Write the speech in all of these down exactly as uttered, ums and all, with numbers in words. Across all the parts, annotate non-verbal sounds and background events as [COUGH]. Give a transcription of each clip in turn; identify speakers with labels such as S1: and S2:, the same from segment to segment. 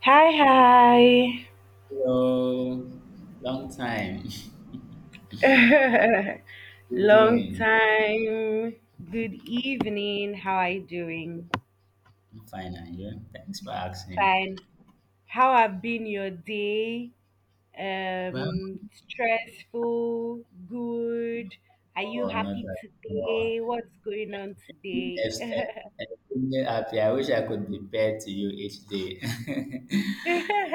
S1: Hi, hi.
S2: Hello, long time. [LAUGHS] Good
S1: [LAUGHS] Long
S2: doing?
S1: time. Good evening. How are you doing?
S2: I'm fine, and you? Thanks for asking.
S1: Fine. How have been your day?
S2: Well,
S1: Um, stressful, good. Are you
S2: oh, not
S1: happy
S2: at all.
S1: today? What's going on today?
S2: Yes, eh, eh, I'm really happy. I wish I could be paired to you each day. [LAUGHS]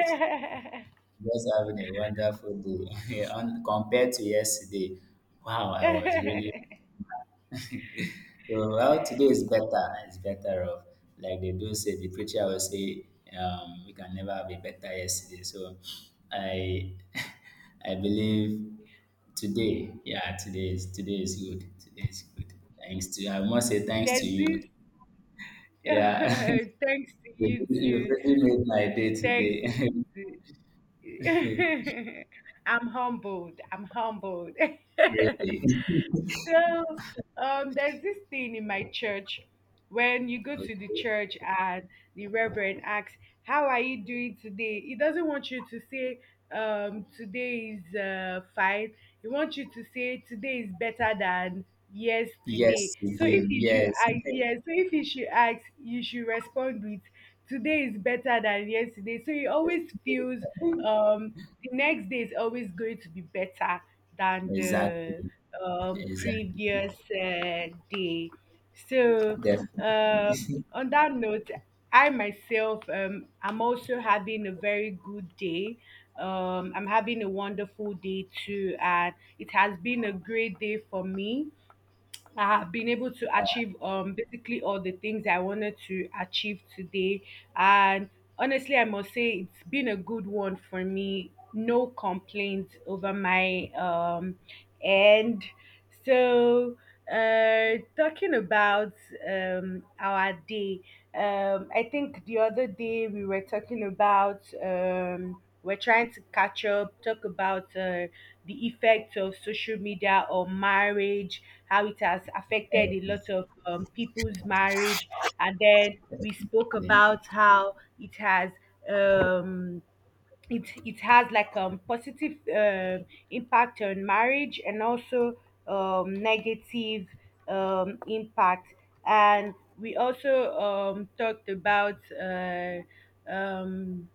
S2: It's Just having a wonderful day. [LAUGHS] Yeah, on- compared to yesterday, wow, I was really. So how today is better. It's better off. Like they do say, the preacher will say, um, we can never have a better yesterday. So I, [LAUGHS] I believe today. Yeah, today is today is good. Today is good. Thanks to I must say thanks to
S1: There's
S2: you.
S1: this. [LAUGHS]
S2: Yeah,
S1: Thanks
S2: [LAUGHS]
S1: to
S2: you
S1: you
S2: you
S1: too.
S2: really made my day
S1: Thanks
S2: today.
S1: to you
S2: [LAUGHS]
S1: too. [LAUGHS] I'm humbled. I'm humbled.
S2: really.
S1: [LAUGHS] So um, there's this thing in my church when you go
S2: Okay.
S1: to the church and the reverend asks, How are you doing today? He doesn't want you to say, um, Today is uh, fine. He wants you to say, Today is better than yesterday.
S2: Yes, you
S1: So
S2: did.
S1: if you should,
S2: Yes. [LAUGHS]
S1: I, yeah, so if you should ask, you should respond with, Today is better than yesterday. So he
S2: yes.
S1: always
S2: you
S1: feels
S2: did.
S1: um, the next day is always going to be better than the
S2: Exactly.
S1: um,
S2: Exactly.
S1: previous uh, day. So,
S2: Definitely.
S1: um,
S2: Yes.
S1: on that note, I myself um, am also having a very good day. Um, I'm having a wonderful day too, and it has been a great day for me. I have been able to achieve um basically all the things I wanted to achieve today. And honestly, I must say it's been a good one for me. No complaints over my um end. So uh talking about um our day, um I think the other day we were talking about um we're trying to catch up talk about uh, the effects of social media or marriage, how it has affected a lot of um, people's marriage. And then we spoke
S2: Definitely.
S1: about how it has um, it it has like um positive um impact on marriage and also um, negative um, impact. And we also um, talked about uh, um,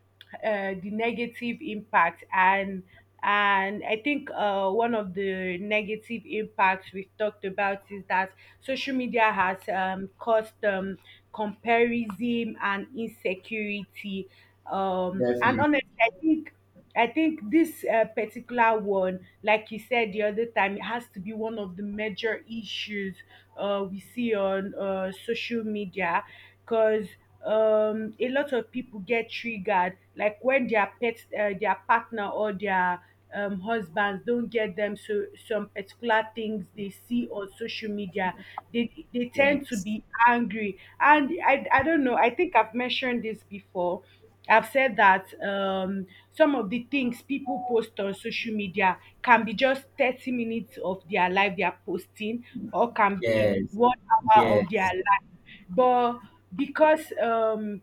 S1: uh, the negative impact. And and i think uh, one of the negative impacts we've talked about is that social media has um, caused um, comparison and insecurity, um, and
S2: Definitely.
S1: honestly i think I think this uh, particular one, like you said the other time, it has to be one of the major issues uh, we see on uh, social media because um, a lot of people get triggered, like when their pet, uh, their partner or their um, husbands don't get them so some particular things they see on social media, they they tend to
S2: Yes.
S1: be angry, and I I don't know. I think I've mentioned this before. I've said that um, some of the things people post on social media can be just thirty minutes of their life they are posting, or can be
S2: Yes.
S1: one hour of their
S2: Yes.
S1: life. But because um,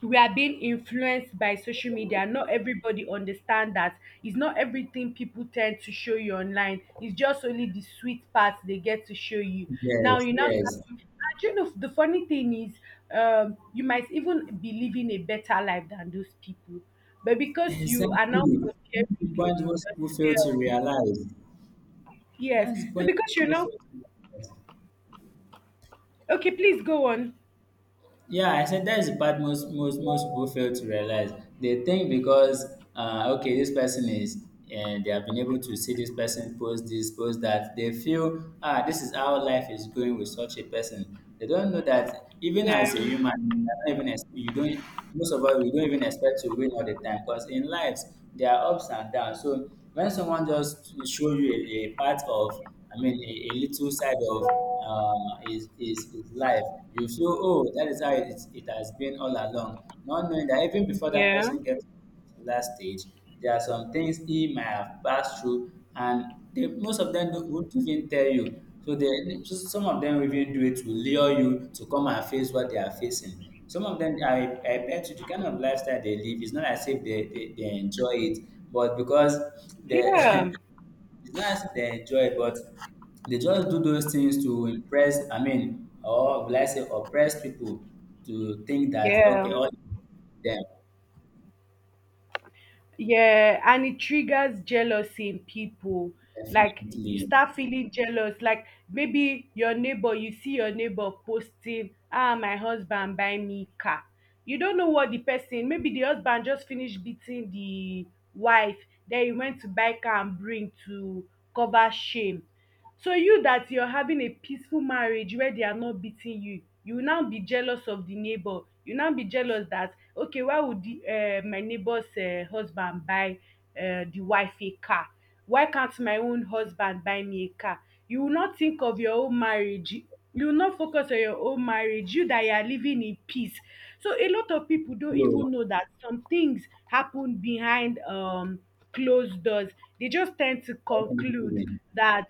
S1: we are being influenced by social media, not everybody understand that it's not everything people tend to show you online. It's just only the sweet parts they get to show you. Now
S2: Yes.
S1: you now. start
S2: Yes.
S1: to- And you know the funny thing is, um, you might even be living a better life than those people. But because you are now
S2: Exactly. That's the
S1: comparing
S2: point most people fail to
S1: yourself,
S2: realize.
S1: yes.
S2: That's the
S1: So
S2: point most
S1: because you're
S2: people
S1: now,
S2: fail to realize.
S1: okay, please go on.
S2: Yeah, I said that's the part most most most people fail to realize. They think because uh, okay, this person is and they have been able to see this person post this, post that. They feel ah, this is how life is going with such a person. They don't know that even
S1: Yeah,
S2: as a human, you don't even ex- you don't. Most of us we don't even expect to win all the time because in lives there are ups and downs. So when someone just show you a, a part of, I mean, a, a little side of uh, his, his, his life. You feel, oh, that is how it, is- it has been all along. Not knowing that even before that
S1: yeah,
S2: person gets to that stage, there are some things he might have passed through, and they, most of them don't- won't even tell you. So they, they- so some of them even do it to lure you to come and face what they are facing. Some of them, I, I bet you, the kind of lifestyle they live is not as if they, they, they enjoy it, but because they
S1: yeah,
S2: [LAUGHS] It's not as if they enjoy it, but they just do those things to impress, I mean, or will I say oppress people to think that,
S1: yeah.
S2: okay, all them,
S1: Yeah, and it triggers jealousy in people. Like you
S2: definitely.
S1: start feeling jealous. Like maybe your neighbor, you see your neighbor posting, ah, my husband buy me car. You don't know what the person, maybe the husband just finished beating the wife, then he went to buy car and bring to cover shame. So you that you're having a peaceful marriage where they are not beating you, you will now be jealous of the neighbor. You now be jealous that okay, why would the, uh, my neighbor's uh, husband buy uh, the wife a car? Why can't my own husband buy me a car? You will not think of your own marriage. You will not focus on your own marriage. You that you are living in peace. So a lot of people don't even
S2: No,
S1: know that some things happen behind um closed doors. They just tend to conclude
S2: definitely.
S1: that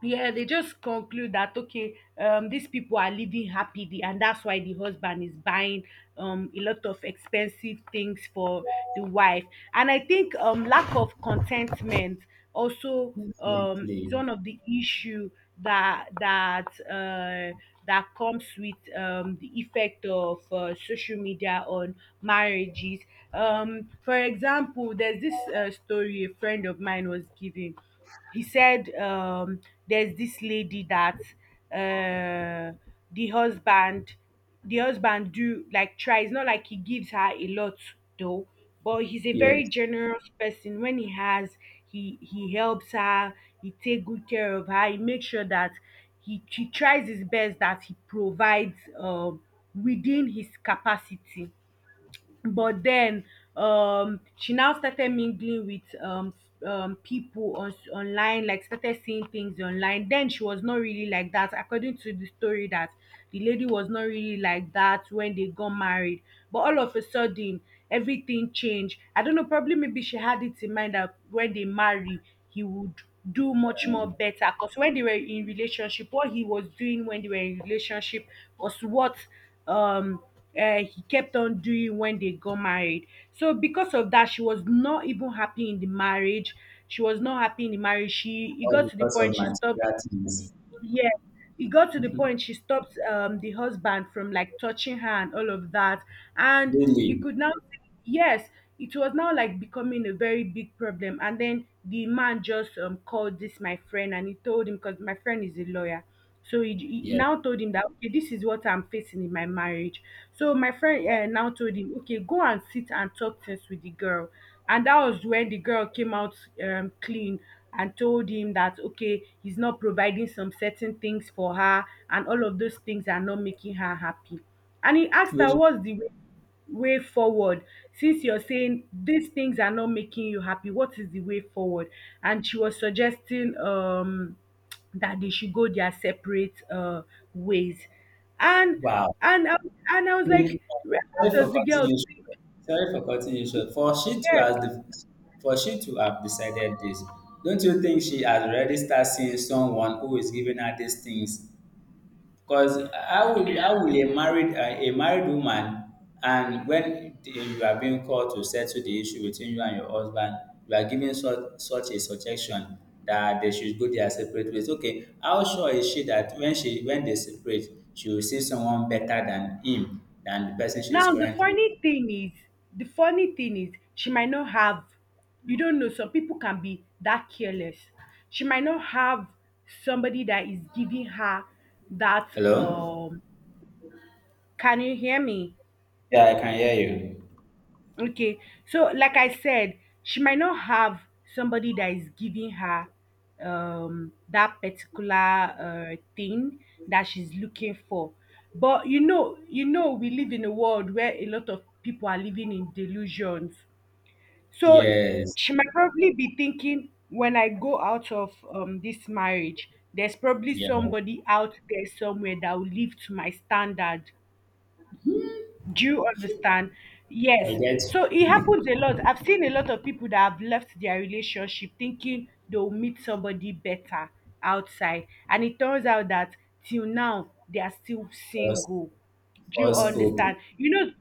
S1: yeah they just conclude that okay, um these people are living happily and that's why the husband is buying um a lot of expensive things for the wife. And i think um lack of contentment also um is
S2: Definitely.
S1: one of the issue that that uh that comes with um the effect of uh, social media on marriages. Um for example, there's this uh, story a friend of mine was giving. He said, um, there's this lady that uh, the husband the husband do like tries not like he gives her a lot though, but he's a very
S2: Yes.
S1: generous person. When he has, he he helps her. He take good care of her. He makes sure that he, he tries his best, that he provides um, within his capacity. But then um she now started mingling with um um people on online, like started seeing things online. Then she was not really like that. According to the story, that the lady was not really like that when they got married. But all of a sudden, everything changed. I don't know, probably maybe she had it in mind that when they marry, he would do much more better because when they were in relationship, what he was doing when they were in relationship was what um uh, he kept on doing when they got married. So because of that, she was not even happy in the marriage. She was not happy in the marriage. She, it
S2: All
S1: got to the
S2: because
S1: point
S2: of
S1: she stopped,
S2: material things.
S1: yeah, it got to the point she stopped um, the husband from like touching her and all of that. And you
S2: Really.
S1: could now, yes, it was now like becoming a very big problem. And then the man just um, called this my friend and he told him, because my friend is a lawyer. So he, he he
S2: Yeah.
S1: now told him that, okay, this is what I'm facing in my marriage. So my friend uh, now told him, okay, go and sit and talk things with the girl. And that was when the girl came out um, clean and told him that, okay, he's not providing some certain things for her, and all of those things are not making her happy. And he asked her,
S2: Which,
S1: What's the way, way forward? Since you're saying these things are not making you happy, what is the way forward? And she was suggesting, um, that they should go their separate uh, ways. And
S2: wow.
S1: and I- and I was
S2: Yeah.
S1: like, where-
S2: Sorry
S1: how
S2: for
S1: does the
S2: cutting
S1: girl
S2: you short. Sorry for cutting you short. For she to has
S1: think?
S2: the, for she to have decided this, don't you think she has already started seeing someone who is giving her these things because how will how will a married a a married woman, and when the- you are being called to settle the issue between you and your husband, you are giving such such a suggestion that they should go their separate ways. Okay, how sure is she that when she when they separate, she will see someone better than him, than the person she is
S1: Now the
S2: currently.
S1: funny thing is, the funny thing is she might not have, you don't know, some people can be that careless. She might not have somebody that is giving her that
S2: Hello?
S1: um Can you hear me?
S2: Yeah, I can hear you.
S1: Okay. So like I said, she might not have somebody that is giving her um that particular uh thing that she's looking for. But you know, you know, we live in a world where a lot of people are living in delusions. So
S2: Yes.
S1: she might probably be thinking when I go out of um, this marriage, there's probably
S2: Yeah.
S1: somebody out there somewhere that will live to my standard. Do you understand?
S2: I
S1: Yes.
S2: get
S1: So it
S2: [LAUGHS]
S1: happens a lot. I've seen a lot of people that have left their relationship thinking they'll meet somebody better outside. And it turns out that till now, they are still
S2: false
S1: single. Do you
S2: false hope.
S1: understand? You know,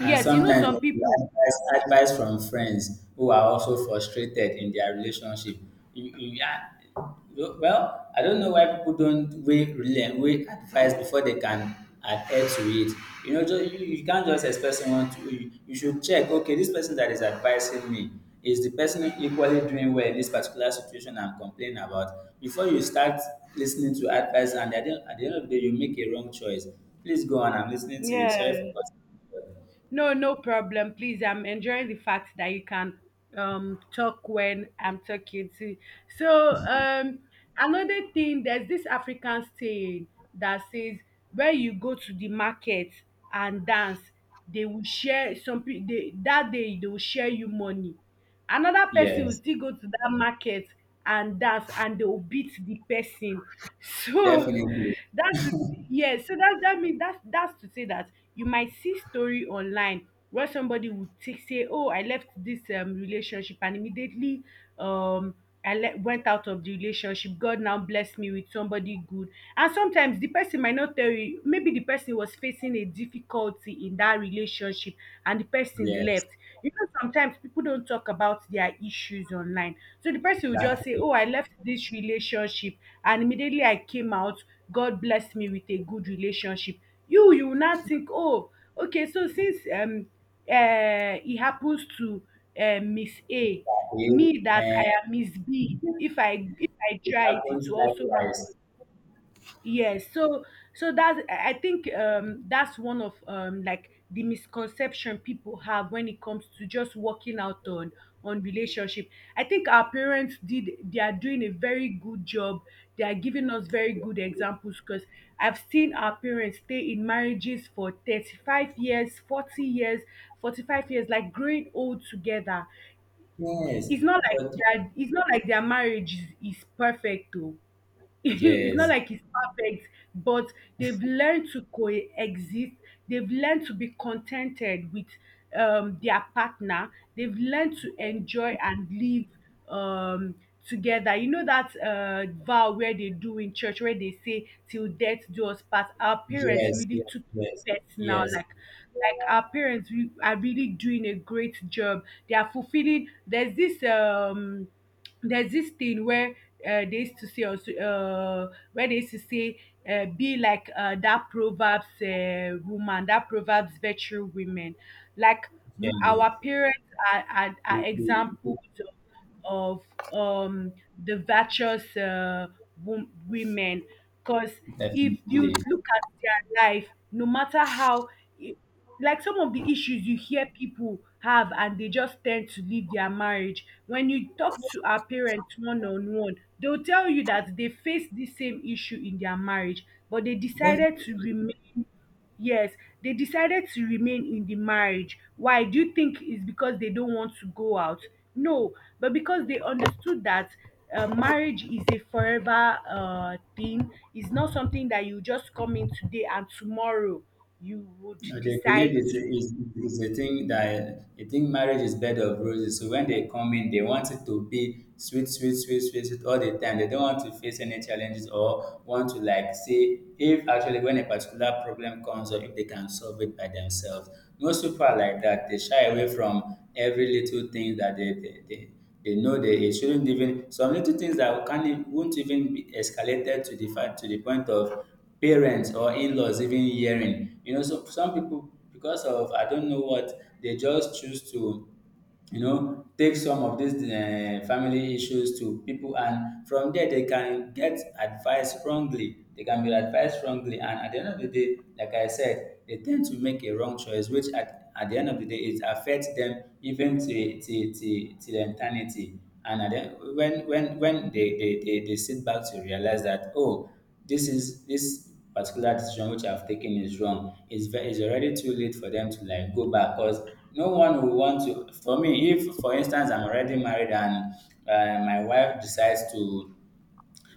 S2: And
S1: yes, you know,
S2: sometimes
S1: some
S2: you
S1: people.
S2: advice advice from friends who are also frustrated in their relationship. You, you, ah, well, I don't know why people don't weigh, rela- weigh advice before they can adhere to it. You know, just, you, you can't just expect someone to. You, you should check. Okay, this person that is advising me, is the person equally doing well in this particular situation I'm complaining about? Before you start listening to advice, and at the, at the end of the day, you make a wrong choice. Please go on. I'm listening to you. Sorry for
S1: Yeah.
S2: cutting you.
S1: No, no problem. Please, I'm enjoying the fact that you can um talk when I'm talking to you. So um another thing, there's this African saying that says when you go to the market and dance, they will share some pe- they, that day they will share you money. Another person will
S2: Yes,
S1: still go to that market and dance and they will beat the person. So
S2: definitely.
S1: [LAUGHS] that's yes, so that that means that's that's to say that you might see story online where somebody would take say, Oh, I left this um relationship and immediately um I le went out of the relationship. God now blessed me with somebody good. And sometimes the person might not tell you, maybe the person was facing a difficulty in that relationship and the person
S2: Yes,
S1: left. You know, sometimes people don't talk about their issues online. So the person will just say,
S2: exactly.
S1: Oh, I left this relationship and immediately I came out. God blessed me with a good relationship. You, you will not think, Oh, okay, so since um uh, it happens to uh, Miss A,
S2: Agree.
S1: me that
S2: And
S1: I am Miss B. If I if I
S2: it
S1: try it, it
S2: happens
S1: will also happen.
S2: likewise.
S1: Yes. So so that's I I think um that's one of um like the misconception people have when it comes to just working out on on relationship. I think our parents did they are doing a very good job. They are giving us very good examples because I've seen our parents stay in marriages for thirty-five years, forty years, forty-five years, like growing old together.
S2: Yes,
S1: it's not like
S2: but
S1: their it's not like their marriage is is perfect though. [LAUGHS] It's
S2: yes,
S1: not
S2: yes,
S1: like it's perfect, but they've learned to coexist. They've learned to be contented with um, their partner. They've learned to enjoy and live um, together. You know that uh, vow where they do in church, where they say, "Till death do us part." Our parents
S2: yes,
S1: really took
S2: yes,
S1: that now,
S2: yes,
S1: like. Like our parents re- are really doing a great job. They are fulfilling. There's this um there's this thing where uh, they used to say also, uh, where they used to say, uh, be like, uh, that proverbs uh, woman, that proverbs virtue women. Like, m-
S2: yes,
S1: our parents are, are, are
S2: yes,
S1: examples of, um, the virtuous uh, wom- women, because if
S2: definitely,
S1: you look at their life, no matter how i- like some of the issues you hear people have, and they just tend to leave their marriage, when you talk to our parents one on one, they'll tell you that they face the same issue in their marriage, but they decided
S2: definitely.
S1: to remain. Yes, they decided to remain in the marriage. Why? Do you think it's because they don't want to go out? No, but because they understood that uh, marriage is a forever uh, thing. It's not something that you just come in today and tomorrow you would
S2: Uh, They believe
S1: decide.
S2: it's a, it's, it's a thing, that they think marriage is bed of roses. So when they come in, they want it to be sweet, sweet, sweet, sweet, sweet all the time. They don't want to face any challenges or want to, like, say if actually when a particular problem comes or if they can solve it by themselves. Most people are like that. They shy away from every little thing that they, they, they they know that it shouldn't even, some little things that can't e- won't even be escalated to the fact, to the point of parents or in-laws even hearing. You know, so some people, because of I don't know what, they just choose to you know take some of these uh, family issues to people, and from there they can get advice wrongly, they can be advised wrongly, and at the end of the day, like I said, they tend to make a wrong choice, which at at the end of the day it affects them even till till till till eternity. And at the, when when when they, they they they sit back to realize that, oh, this is this particular decision which I've taken is wrong, it's ve- it's already too late for them to like go back, because no one will want to, for me, if for instance I'm already married and uh, my wife decides to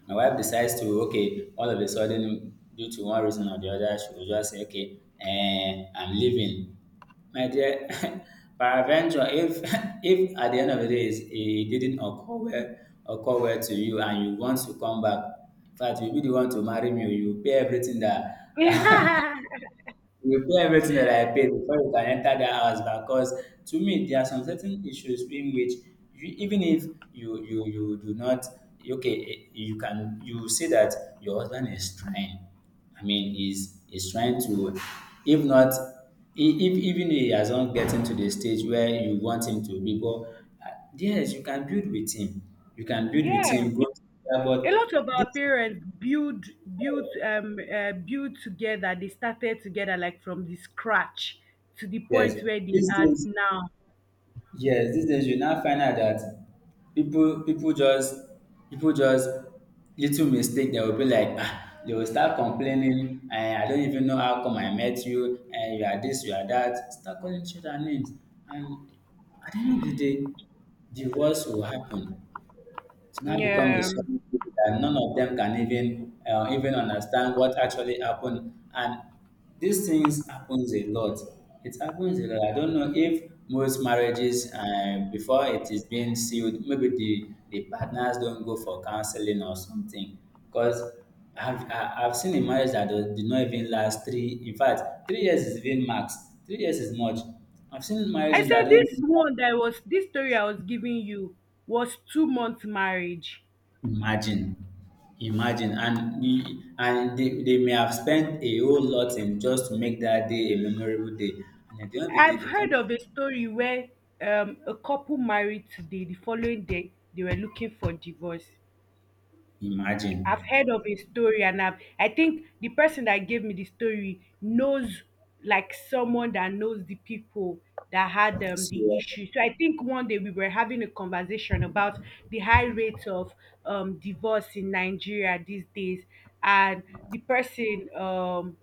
S2: My wife decides to, okay, all of a sudden, due to one reason or the other, she will just say, okay, eh, I'm leaving. My dear, [LAUGHS] paraventure, if [LAUGHS] if at the end of the day it's- it didn't occur well, occur well, to you, and you want to come back, in fact, you'll be the one to marry me, you pay everything that, [LAUGHS]
S1: [LAUGHS]
S2: you will pay everything that I paid before you can enter that house, because to me there are some certain issues in which you, even if you you you do not, okay, eh, you can, you see that your husband is trying. I mean, he's he's trying to, if not, e- if even he has not gotten to the stage where you want him to be, but ah, yes, you can build with him you can build with
S1: Yeah,
S2: him, go together.
S1: a lot
S2: But
S1: of our
S2: this,
S1: parents build build um uh, build together. They started together like from the scratch to the
S2: yes,
S1: point where they
S2: these
S1: are
S2: days.
S1: now.
S2: Yes, these days you now find out that people people just people just, little mistake, they will be like ah they will start complaining, and I don't even know how come I met you, and you are this, you are that, start calling each other names, and at the end of the day divorce will happen. It's now become a
S1: Yeah,
S2: sudden thing, that none of them can even uh, even understand what actually happened. And these things happens a lot. It happens a lot. I don't know if most marriages, uh, before it is being sealed, maybe the, the partners don't go for counseling or something. Because I've, I- I've seen a marriage that do- did not even last three, in fact, three years is even max. Three years is much. I've seen
S1: I
S2: marriages
S1: said
S2: that don't
S1: this
S2: even.
S1: one that I was this story I was giving you was two month marriage.
S2: Imagine, imagine, and e and they they may have spent a whole lot in just to make that day a memorable day, and at the end of the day
S1: I've
S2: they
S1: heard
S2: can't
S1: of a story where um, a couple married today, the following day they were looking for divorce.
S2: imagine.
S1: I've heard of a story, and I've I think the person that gave me the story knows, like someone that knows the people that had, um,
S2: So,
S1: the issue. So I think one day we were having a conversation about the high rate of um, divorce in Nigeria these days, and the person, um,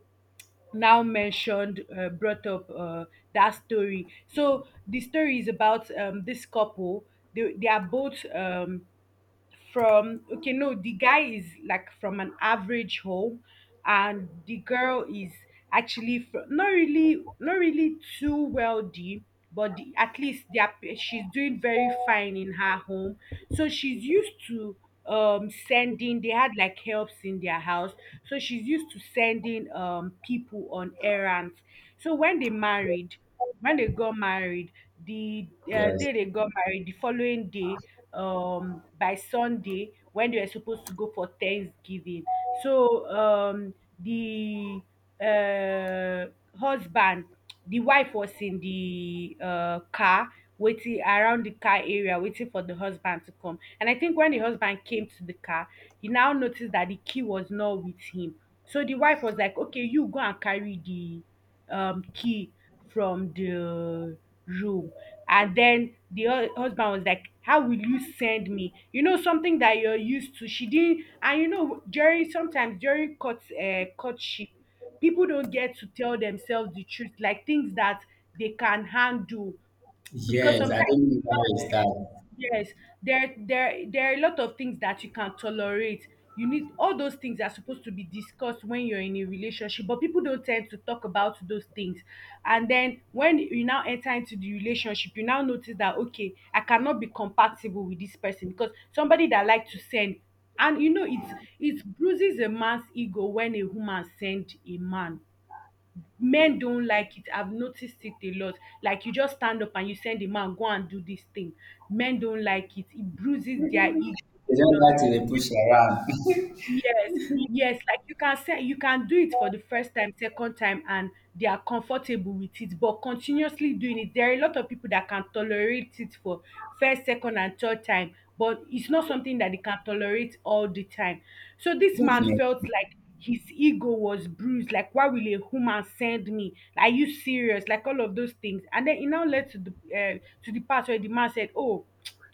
S1: now mentioned uh, brought up, uh, that story. So the story is about, um, this couple. They, they are both, um, from okay, no, the guy is like from an average home, and the girl is actually fr- not really, not really too wealthy, but the, at least they are, p- she's doing very fine in her home. So she's used to, um sending they had like helps in their house, so she's used to sending um people on errands. So when they married when they got married, the uh,
S2: yes.
S1: day they got married, the following day, um by Sunday, when they were supposed to go for Thanksgiving. So um the uh husband the wife was in the uh car, waiting around the car area, waiting for the husband to come, and I think when the husband came to the car, he now noticed that the key was not with him. So the wife was like, okay, you go and carry the, um, key from the room. And then the hu- husband was like, "How will you send me?" You know, something that you're used to. She didn't, and you know, during, sometimes during, court, uh, courtship, people don't get to tell themselves the truth, like things that they can handle, because
S2: Yes, I
S1: sometimes,
S2: don't know how it's
S1: yes,
S2: start.
S1: yes, there there there are a lot of things that you can tolerate. You need All those things are supposed to be discussed when you're in a relationship, but people don't tend to talk about those things. And then when you now enter into the relationship, you now notice that, okay, I cannot be compatible with this person, because somebody that like to send, and you know, it's it bruises a man's ego when a woman send a man. Men don't like it. I've noticed it a lot. Like, you just stand up and you send a man, go and do this thing. Men don't like it it bruises their ego
S2: They
S1: a
S2: don't
S1: lot.
S2: like to dey push around.
S1: Yes, yes, like, you can say you can do it for the first time, second time, and they are comfortable with it, but continuously doing it. There are a lot of people that can tolerate it for first, second, and third time, but it's not something that they can tolerate all the time. So
S2: [LAUGHS]
S1: this man
S2: Definitely.
S1: felt like his ego was bruised. Like, why will a woman send me? Are you serious? Like all of those things. And then it now led to the, uh, to the part where the man said, "Oh,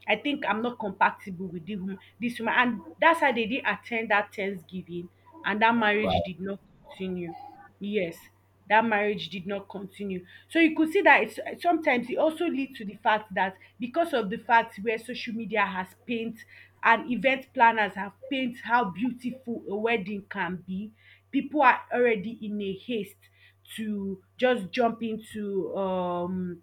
S1: I think I'm not compatible with the woman, this woman." And that's how they didn't attend that Thanksgiving, and that
S2: Wow.
S1: marriage did not continue. Yes, that marriage did not continue. So you could see that it's, sometimes it also leads to the fact that, because of the fact where social media has paint and event planners have paint how beautiful a wedding can be, people are already in a haste to just jump into, um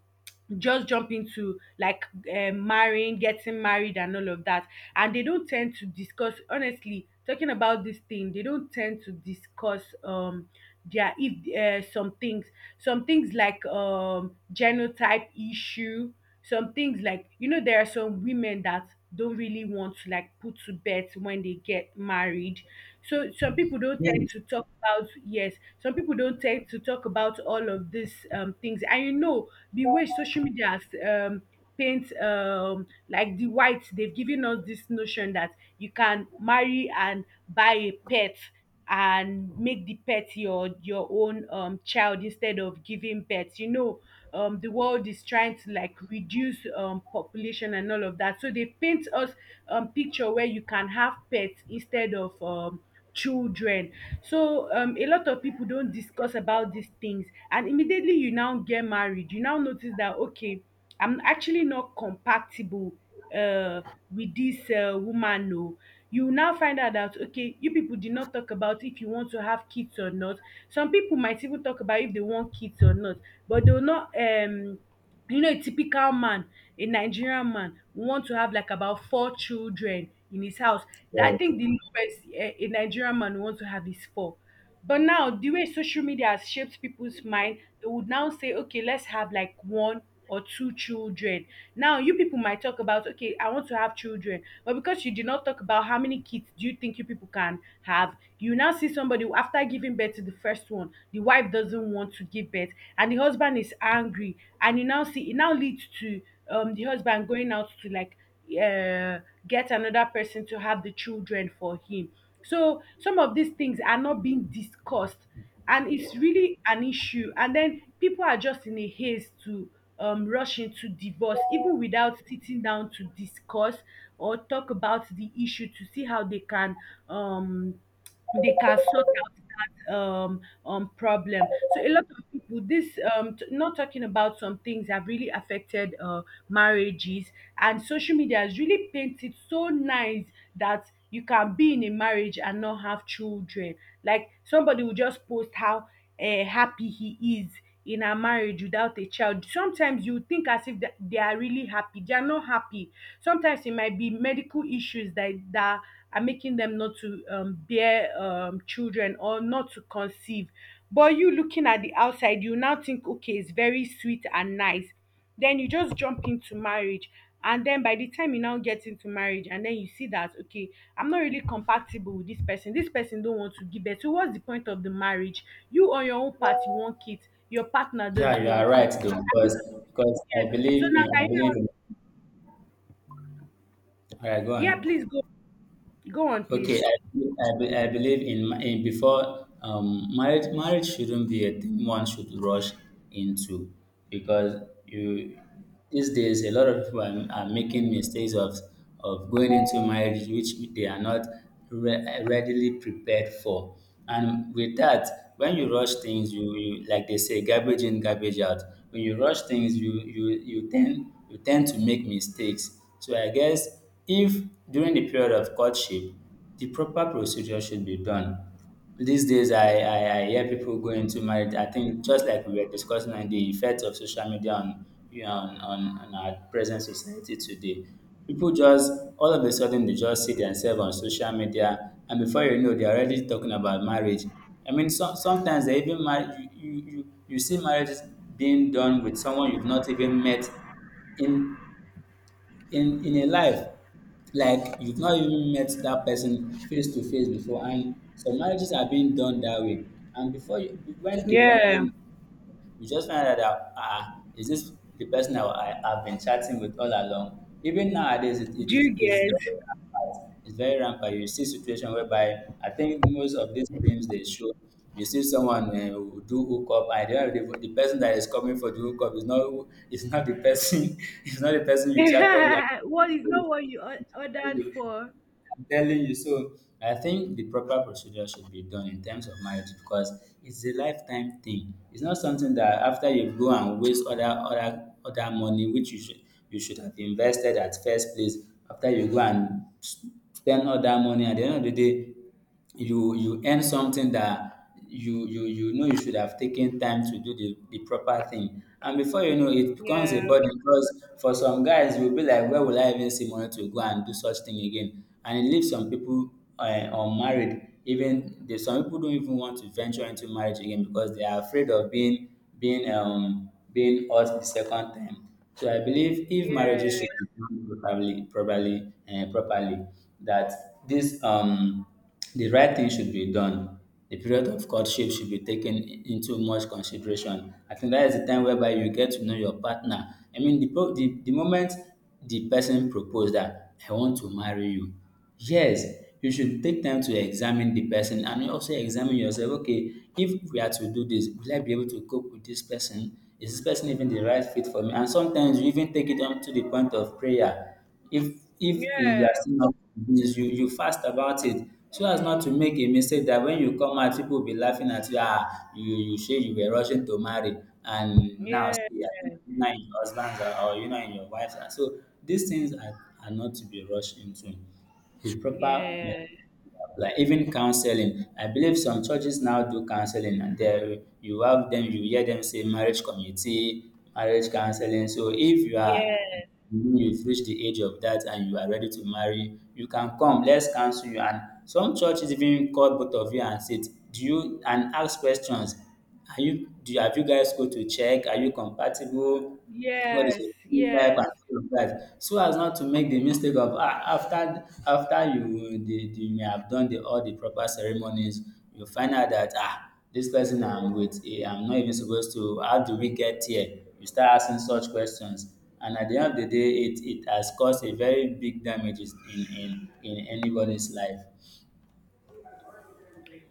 S1: just jump into like um marrying, getting married, and all of that. And they don't tend to discuss, honestly, talking about this thing, they don't tend to discuss, um their, if, uh, some things, some things like, um genotype issue, some things like, you know, there are some women that don't really want to like put to bed when they get married. So some people don't tend
S2: Yes,
S1: to talk about, yes, some people don't tend to talk about all of these, um, things. And you know the way social media has, um, paint, um, like the whites, they've given us this notion that you can marry and buy a pet and make the pet your your own um child, instead of giving birth, you know, um the world is trying to like reduce, um population and all of that, so they paint us, um picture where you can have pets instead of, um children. So um a lot of people don't discuss about these things, and immediately you now get married, you now notice that, okay, I'm actually not compatible, uh with this, uh, woman, no. You will now find out that, okay, you people did not talk about if you want to have kids or not. Some people might even talk about if they want kids or not, but they will not, um you know, a typical man, a Nigerian man, will want to have like about four children in his house. That I think the
S2: yes.
S1: lowest, eh, a Nigerian man will want to have is four. But now, the way social media has shaped people's mind, they would now say, okay, let's have like one or two children. Now, you people might talk about, okay, I want to have children. But because you did not talk about how many kids do you think you people can have, you now see somebody who, after giving birth to the first one, the wife doesn't want to give birth, and the husband is angry. And you now see, it now leads to, um, the husband going out to like, uh, get another person to have the children for him. So some of these things are not being discussed, and it's really an issue. And then people are just in a haste to, um, rush into divorce, even without sitting down to discuss or talk about the issue to see how they can, um, they can sort out that, um, um problem. So a lot of people, this, um, t- not talking about some things have really affected, uh, marriages, and social media has really painted so nice that you can be in a marriage and not have children. Like somebody will just post how, um happy he is in a marriage without a child. Sometimes you think as if that they are really happy. They are not happy. Sometimes it might be medical issues that that are making them not to, um, bear, um, children, or not to conceive. But you looking at the outside, you now think, okay, it's very sweet and nice, then you just jump into marriage. And then by the time you now get into marriage and then you see that, okay, I'm not really compatible with this person, this person don't want to give birth, so what's the point of the marriage? You on your own part, you want kids, your partner
S2: Yeah,
S1: doesn't
S2: you are
S1: want kids.
S2: right though,
S1: Have you
S2: because because
S1: get?
S2: I
S1: So
S2: believe
S1: now,
S2: in, I
S1: can you
S2: believe
S1: now—
S2: in Alright, go
S1: yeah,
S2: on.
S1: please go, go on please,
S2: Okay, I, I, be- I believe in, ma- in before um, marriage. Marriage shouldn't be a thing one should rush into, because you, these days a lot of people are, are making mistakes of of going into marriage, which they are not re- readily prepared for. And with that, when you rush things, you, you like they say, garbage in, garbage out. When you rush things, you you you tend you tend to make mistakes. So I guess if during the period of courtship, the proper procedure should be done. These days, I, I, I hear people going into marriage. I think, just like we were discussing, on the effect of social media on, you know, on, on, on our present society today, people just, all of a sudden, they just see themselves on social media, and before you know, they're already talking about marriage. I mean, some sometimes they even marry, you, you, you, you see marriages being done with someone you've not even met, in in in a life, like you've not even met that person face to face before, and some marriages are being done that way. And before you, when they
S1: yeah,
S2: finally, you just find out that, ah, is this the person that I have been chatting with all along? Even nowadays, it, it
S1: do
S2: is
S1: you
S2: it's
S1: get?
S2: very rampant. It's very rampant. You see situation whereby, I think most of these films they show, you see someone uh, who do hookup, and the, the, the person that is coming for the hookup is not is not the person, [LAUGHS] is not the person you chatted
S1: [LAUGHS] What is not
S2: with.
S1: what you or- ordered
S2: Anyway,
S1: for.
S2: I'm telling you. So I think the proper procedure should be done in terms of marriage because it's a lifetime thing. It's not something that after you go and waste other other other money which you should you should have invested at first place. After you go and spend all that money at the end of the day you you earn something that you you you know you should have taken time to do the, the proper thing, and before you know it becomes a
S1: Yeah.
S2: burden because for some guys you'll be like, where will I even see money to go and do such thing again? And it leaves some people uh, unmarried. Even there's some people don't even want to venture into marriage again because they are afraid of being being um being hurt the second time. So I believe if
S1: Yeah,
S2: marriages should be done properly properly uh, properly that this um the right thing should be done. The period of courtship should be taken i- into much consideration. I think that is the time whereby you get to know your partner. I mean, the, pro- the, the moment the person proposed that, I want to marry you, yes, you should take time to examine the person, and you also examine yourself. Okay, if we are to do this, will I be able to cope with this person? Is this person even the right fit for me? And sometimes you even take it up to the point of prayer. If if you
S1: yeah,
S2: are still not convinced, you you fast about it, so as not to make a mistake that when you come out people will be laughing at you. Ah, you you say you were rushing to marry, and now
S1: yeah,
S2: see, are you not in your husband's, or or you not in your wife's hand? So these things are are not to be rushed into. Is proper. Yeah,
S1: yeah,
S2: like even counseling. I believe some churches now do counseling, and there you have them, you hear them say marriage committee, marriage counseling. So if you are
S1: yeah.
S2: you've reached the age of that and you are ready to marry, you can come, let's counsel you. And some churches even call both of you and sit, do you and ask questions. Are you do you- have you guys go to check? Are you compatible? What is
S1: Yes,
S2: it? Type and
S1: yes.
S2: all of that, so as not to make the mistake of ah, after after you the the you may have done the all the proper ceremonies, you find out that, ah, this person I'm with, eh, I'm not even supposed to. How do we get here? You start asking such questions, and at the end of the day it it has caused a very big damages in in in anybody's life.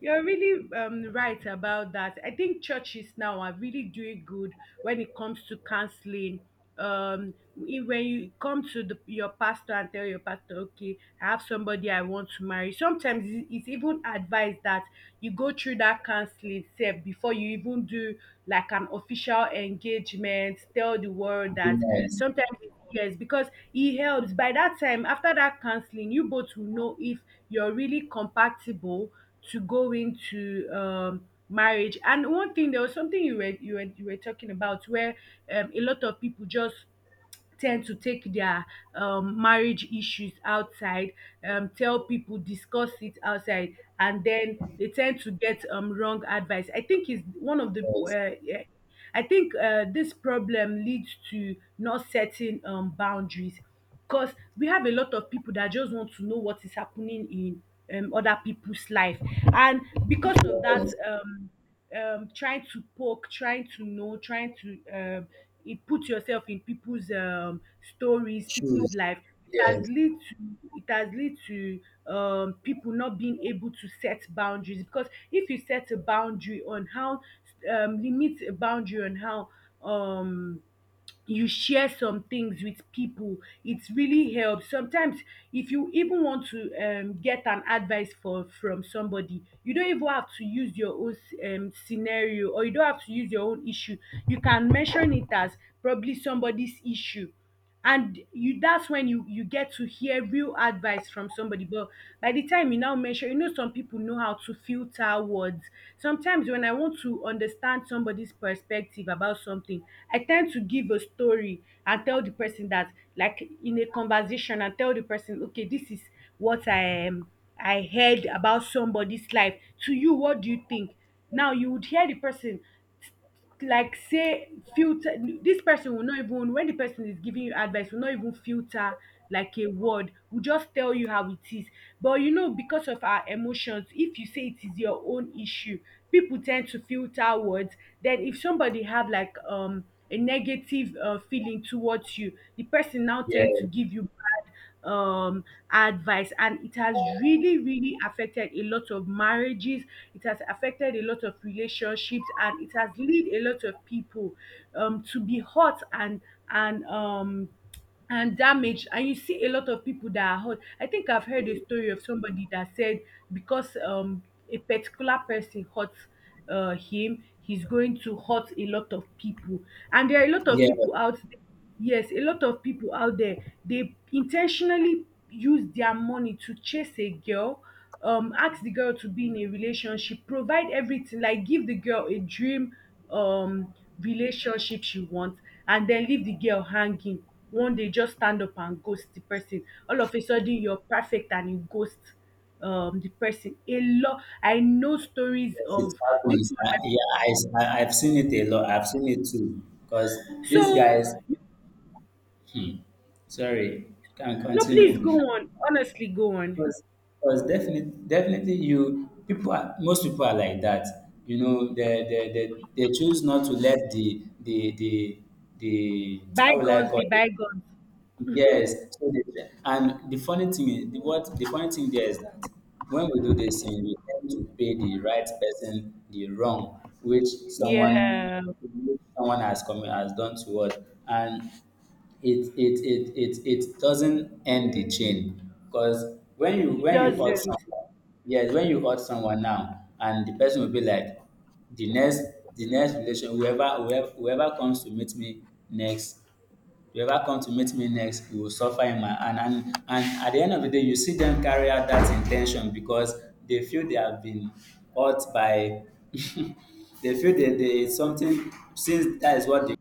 S1: You're really, um, right about that. I think churches now are really doing good when it comes to counseling. Um, i- when you come to the, your pastor and tell your pastor, okay, I have somebody I want to marry. Sometimes it- it's even advised that you go through that counseling step before you even do like an official engagement, tell the world that
S2: Yes,
S1: sometimes it's years because it helps. By that time, after that counseling, you both will know if you're really compatible to go into um marriage. And one thing, there was something you were you were you were talking about where um, a lot of people just tend to take their um, marriage issues outside, um, tell people, discuss it outside, and then they tend to get um, wrong advice. I think is one of the
S2: yes,
S1: uh, yeah. I think uh, this problem leads to not setting um, boundaries, because we have a lot of people that just want to know what is happening in um, other people's life, and because of that,
S2: yes.
S1: um, um, trying to poke, trying to know, trying to um, it put yourself in people's um, stories, people's
S2: Shoes.
S1: life. It has
S2: Yes,
S1: lead to, it has lead to um, people not being able to set boundaries. Because if you set a boundary on how um, limit a boundary on how um you share some things with people, it really helps. Sometimes, if you even want to um, get an advice for from somebody, you don't even have to use your own um, scenario, or you don't have to use your own issue. You can mention it as probably somebody's issue, and you that's when you you get to hear real advice from somebody. But by the time you now mention, you know, some people know how to filter words. Sometimes when I want to understand somebody's perspective about something, I tend to give a story and tell the person that, like in a conversation, and tell the person, okay, this is what I am I heard about somebody's life. To you, what do you think? Now you would hear the person, like, say, filter. This person will not, even when the person is giving you advice, will not even filter like a word, will just tell you how it is. But you know, because of our emotions, if you say it is your own issue, people tend to filter words. Then if somebody have like um a negative uh, feeling towards you, the person now tend to
S2: yes,
S1: give you bad um advice. And it has really, really affected a lot of marriages. It has affected a lot of relationships, and it has led a lot of people um to be hurt and and um and damaged. And you see a lot of people that are hurt. I think I've heard a story of somebody that said because um a particular person hurt uh, him, he's going to hurt a lot of people. And there are a lot of
S2: yes.
S1: people out there. Yes, a lot of people out there. They intentionally use their money to chase a girl, um ask the girl to be in a relationship, provide everything, like give the girl a dream um relationship she wants, and then leave the girl hanging. One day, just stand up and ghost the person. All of a sudden, you're perfect, and you ghost um the person a lot. I know stories
S2: It
S1: of this
S2: happens. I,
S1: one.
S2: yeah, I, I, I've seen it a lot. I've seen it too. Because these
S1: So
S2: guys, hmm, sorry, can
S1: no, please go
S2: continue.
S1: on, honestly, go on.
S2: Because, because definitely, definitely, you people are most people are like that. You know, they they, they, they choose not to let the the the the, how will I
S1: Bygones
S2: call
S1: be
S2: it?
S1: bygones.
S2: Yes, so they, and the funny thing is the what the funny thing there is that when we do this thing, we tend to pay the right person the wrong which someone
S1: Yeah,
S2: which someone has come has done to us, and it it it it it doesn't end the chain. Because when you
S1: it
S2: when you hurt
S1: doesn't.
S2: someone, yes, when you hurt someone now, and the person will be like, the next the next relation whoever, whoever whoever comes to meet me next whoever come to meet me next go suffer in my hand. and and at the end of the day you see dem carry out that in ten tion because they feel they have been hurt by [LAUGHS] they feel they they it's something, since that is what they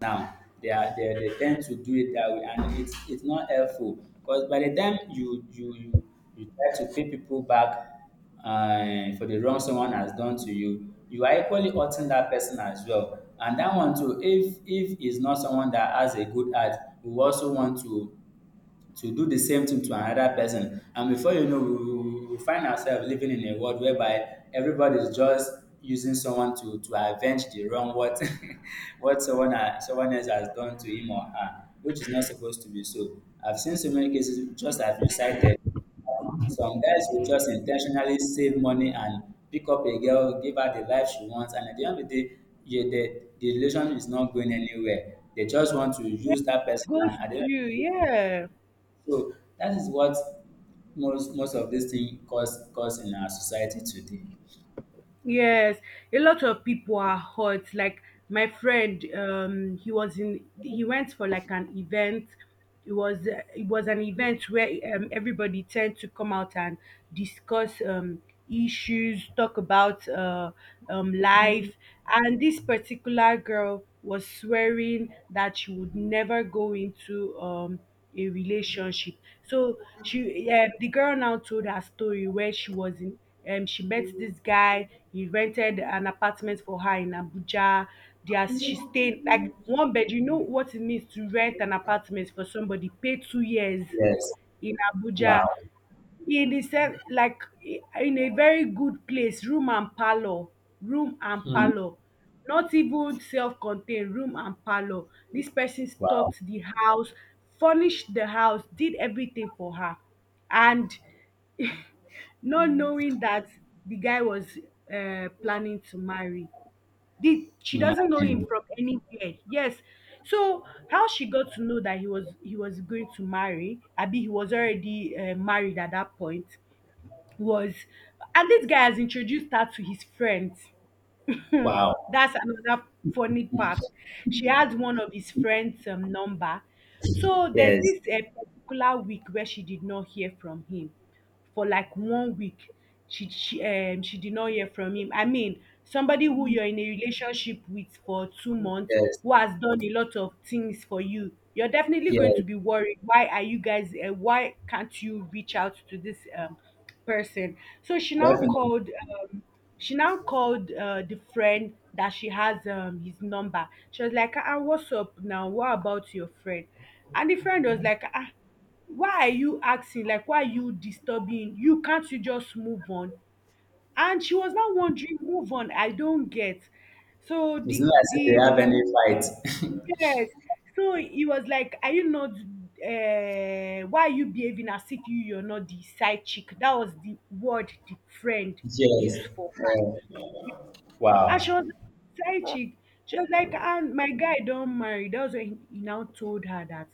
S2: now. They are they, they tend to do it that way, and it's it's not helpful, because by the time you you you, you try to pay people back uh, for the wrong someone has done to you, you are equally hurting that person as well. And that one too, if if is not someone that has a good heart, we also want to to do the same thing to another person. And before you know, we, we, we find ourselves living in a world whereby everybody's just using someone to, to avenge the wrong, what [LAUGHS] what someone ha- someone else has done to him or her, which is not supposed to be so. I've seen so many cases, just as you cited. Some guys will just intentionally save money and pick up a girl, give her the life she wants, and at the end of the day, yeah, the, the relation is not going anywhere. They just want to
S1: Yeah,
S2: use that person,
S1: ghost
S2: and at the
S1: you,
S2: end.
S1: yeah.
S2: So that is what most most of this thing cause cause in our society today.
S1: Yes, a lot of people are hurt. Like my friend, um, he was in, he went for like an event. It was uh, it was an event where um, everybody tend to come out and discuss um, issues, talk about uh, um, life. And this particular girl was swearing that she would never go into um, a relationship. So she um the girl now told her story where she was in um she met this guy. He rented an apartment for her in Abuja. There she stayed like one bed. You know what it means to rent an apartment for somebody, pay two years
S2: Yes.
S1: in
S2: Wow.
S1: Abuja, in the se- like in a very good place. Room and parlour, room and
S2: Hmm.
S1: parlour, not even self-contained. Room and parlour, this person
S2: Wow.
S1: stocked the house, furnished the house, did everything for her. And not knowing that the guy was uh, planning to marry. Did, she doesn't know him
S2: Imagine.
S1: from anywhere. Yes, so how she got to know that he was, he was going to marry, abi he was already uh, married at that point was. And this guy has introduced her to his friends.
S2: Wow.
S1: That's another funny part. She has one of his friends' um, number. So there's
S2: Yes.
S1: this uh, particular week where she did not hear from him for like one week. She she um she did not hear from him. I mean, somebody who you're in a relationship with for two months,
S2: Yes.
S1: who has done a lot of things for you, you're definitely going to
S2: Yes.
S1: be worried. Why are you guys? Uh, why can't you reach out to this um person? So she now
S2: Definitely.
S1: called. Um, she now called uh, the friend that she has um, his number. She was like, ah, what's up now? What about your friend? And the friend was like, ah, why are you asking? Like, why are you disturbing? You can't you just move on? And she was now wondering, move on. I don't get. So
S2: It's
S1: the
S2: not as if they
S1: the
S2: have any fight. [LAUGHS]
S1: yes. So he was like, are you not? Uh, why are you behaving as if you you're not the side chick? That was the word the friend
S2: Yes.
S1: used for her.
S2: Yeah.
S1: And she
S2: Wow.
S1: was psychic. She was like, and my guy don't marry. That was when he now told her that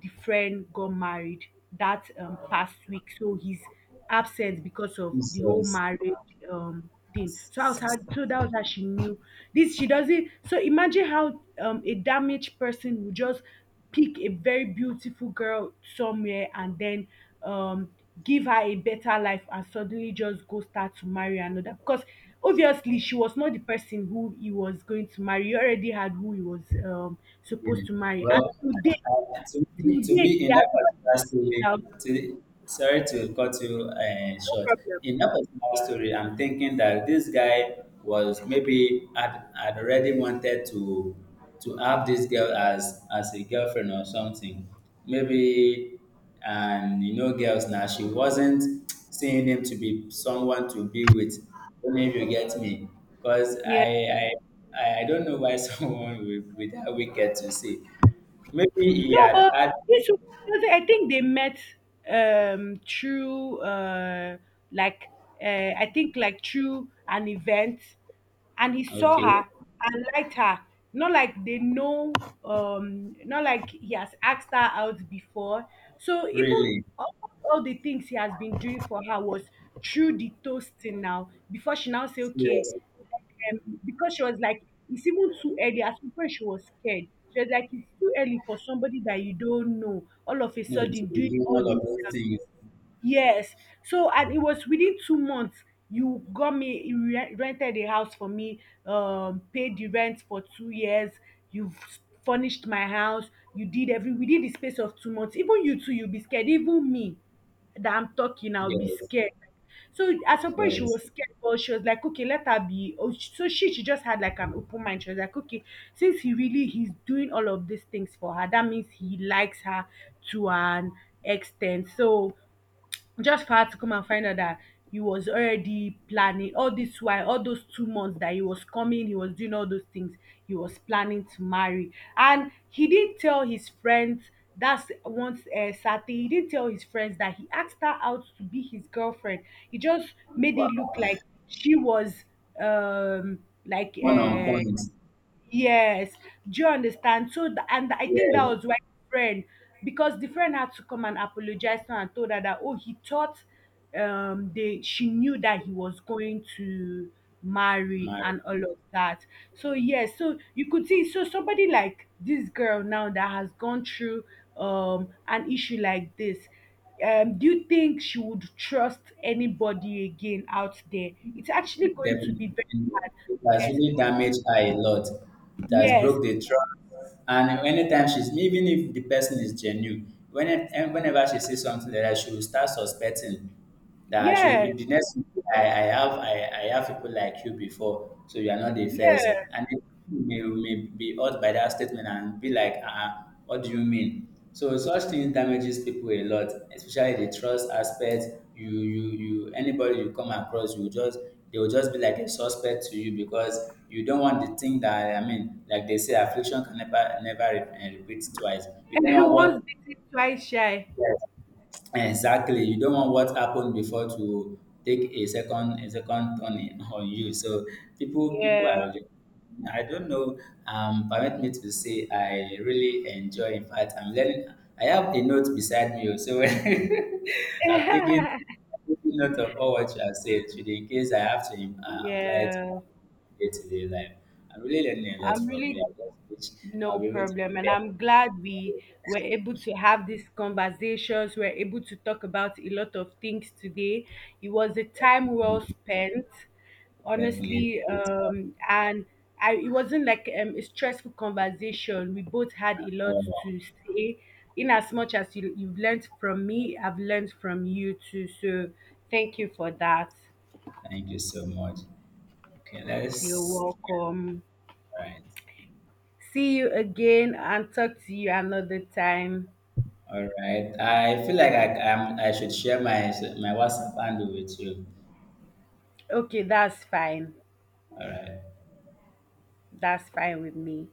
S1: the friend got married that um, past week. So he's absent because of the whole
S2: Jesus.
S1: marriage um thing. So I was how, so that was how she knew. This, she doesn't, so imagine how um a damaged person would just pick a very beautiful girl somewhere and then um give her a better life and suddenly just go start to marry another. Because obviously she was not the person who he was going to marry. He already had who he was um supposed
S2: Yes.
S1: to marry. And
S2: Well,
S1: today,
S2: uh, to to
S1: today
S2: be
S1: they
S2: in
S1: are
S2: that
S1: not
S2: particular
S1: reached
S2: story,
S1: out.
S2: to, sorry to cut you uh,
S1: No
S2: short.
S1: problem.
S2: In that particular story, I'm thinking that this guy was maybe had, had already wanted to to have this girl as as a girlfriend or something. Maybe, and you know girls now, she wasn't seeing him to be someone to be with, only if you get me. Because
S1: Yeah.
S2: i i i I don't know why [LAUGHS] someone with, with that wicked to say maybe he
S1: No,
S2: had
S1: but
S2: had.
S1: this was, because I think they met um through uh like uh, I think like through an event, and he saw
S2: Okay.
S1: her and liked her. Not like they know, um not like he has asked her out before. So even
S2: Really?
S1: all, all the things he has been doing for her was through the toasting now before she now say okay.
S2: Serious?
S1: Um, because she was like, it's even too early. At some, she was scared. She was like, it's too early for somebody that you don't know. All of a
S2: No to
S1: sudden,
S2: be
S1: doing
S2: doing
S1: all
S2: all
S1: this,
S2: of those
S1: um,
S2: things.
S1: yes. So, and it was within two months. You got me, you re- rented a house for me, um, paid the rent for two years. You've s- furnished my house. You did every within the space of two months. Even you too, you'll be scared. Even me that I'm talking, I'll be
S2: Yes.
S1: scared. So at some point she was
S2: Yes.
S1: scared, but she was like, okay, let her be. Oh, sh- so she she just had like an open mind. She was like, okay, since he really he's doing all of these things for her, that means he likes her to an extent. So just for her to come and find out that he was already planning all this while, all those two months that he was coming, he was doing all those things, he was planning to marry. And he didn't tell his friends. That's once, uh, Saturday, he didn't tell his friends that he asked her out to be his girlfriend. He just made it look like she was um like
S2: One on
S1: uh
S2: point.
S1: Yes, do you understand? So, th- and I think that
S2: Yes.
S1: was why the friend, because the friend had to come and apologize to her and told her that, oh, he thought um they she knew that he was going to marry
S2: My.
S1: and all of that. So yes, so you could see, so somebody like this girl now that has gone through um an issue like this. Um, do you think she would trust anybody again out there? It's actually going to be
S2: Definitely.
S1: very hard.
S2: It has
S1: Yes,
S2: really damaged her a lot. It has
S1: yes.
S2: broke the trust. And anytime she's, even if the person is genuine, when it, and whenever she sees something like that, she will start suspecting that she will be
S1: Yes,
S2: the next. I, I have I, I have people like you before, so you are not the first.
S1: yes.
S2: And then you may, you may be hurt by that statement and be like, uh, what do you mean? So such things damages people a lot, especially the trust aspect. You you you anybody you come across, you just, they will just be like a suspect to you, because you don't want the thing that, I mean, like they say, affliction can never never re- eh, repeat twice. You don't
S1: [LAUGHS]
S2: want what.
S1: Once bitten, twice shy.
S2: Yes. Exactly. You don't want what happened before to take a second a second turn in- [LAUGHS] on you. So people people
S1: Yeah.
S2: are really, I don't know, um permit me to say I really enjoy, in fact I'm learning, I have a note beside me, oh, so [LAUGHS] I've taken
S1: [LAUGHS]
S2: taking note of all what you have said today, in case I have to im- uh, apply it to my
S1: Yeah,
S2: day to day life. I'm really learning a lot
S1: I'm
S2: from you.
S1: really.
S2: I just wish
S1: No
S2: I'll be able to
S1: problem. And
S2: prepare.
S1: I'm glad we were able to have these conversations. We are able to talk about a lot of things today. It was a
S2: [LAUGHS]
S1: time well
S2: Definitely.
S1: spent,
S2: Definitely.
S1: honestly.
S2: It's on.
S1: Um, and I, it wasn't like um, a stressful conversation. We both had a lot
S2: Oh,
S1: to say. In as much as you, you've learned from me, I've learned from you too. So thank you for that.
S2: thank you so much. Okay,
S1: You're
S2: let's.
S1: welcome.
S2: All right.
S1: See you again and talk to you another time.
S2: All right. I feel like I, I'm, I should share my my WhatsApp handle with you.
S1: Okay, that's fine.
S2: All right.
S1: That's fine with me.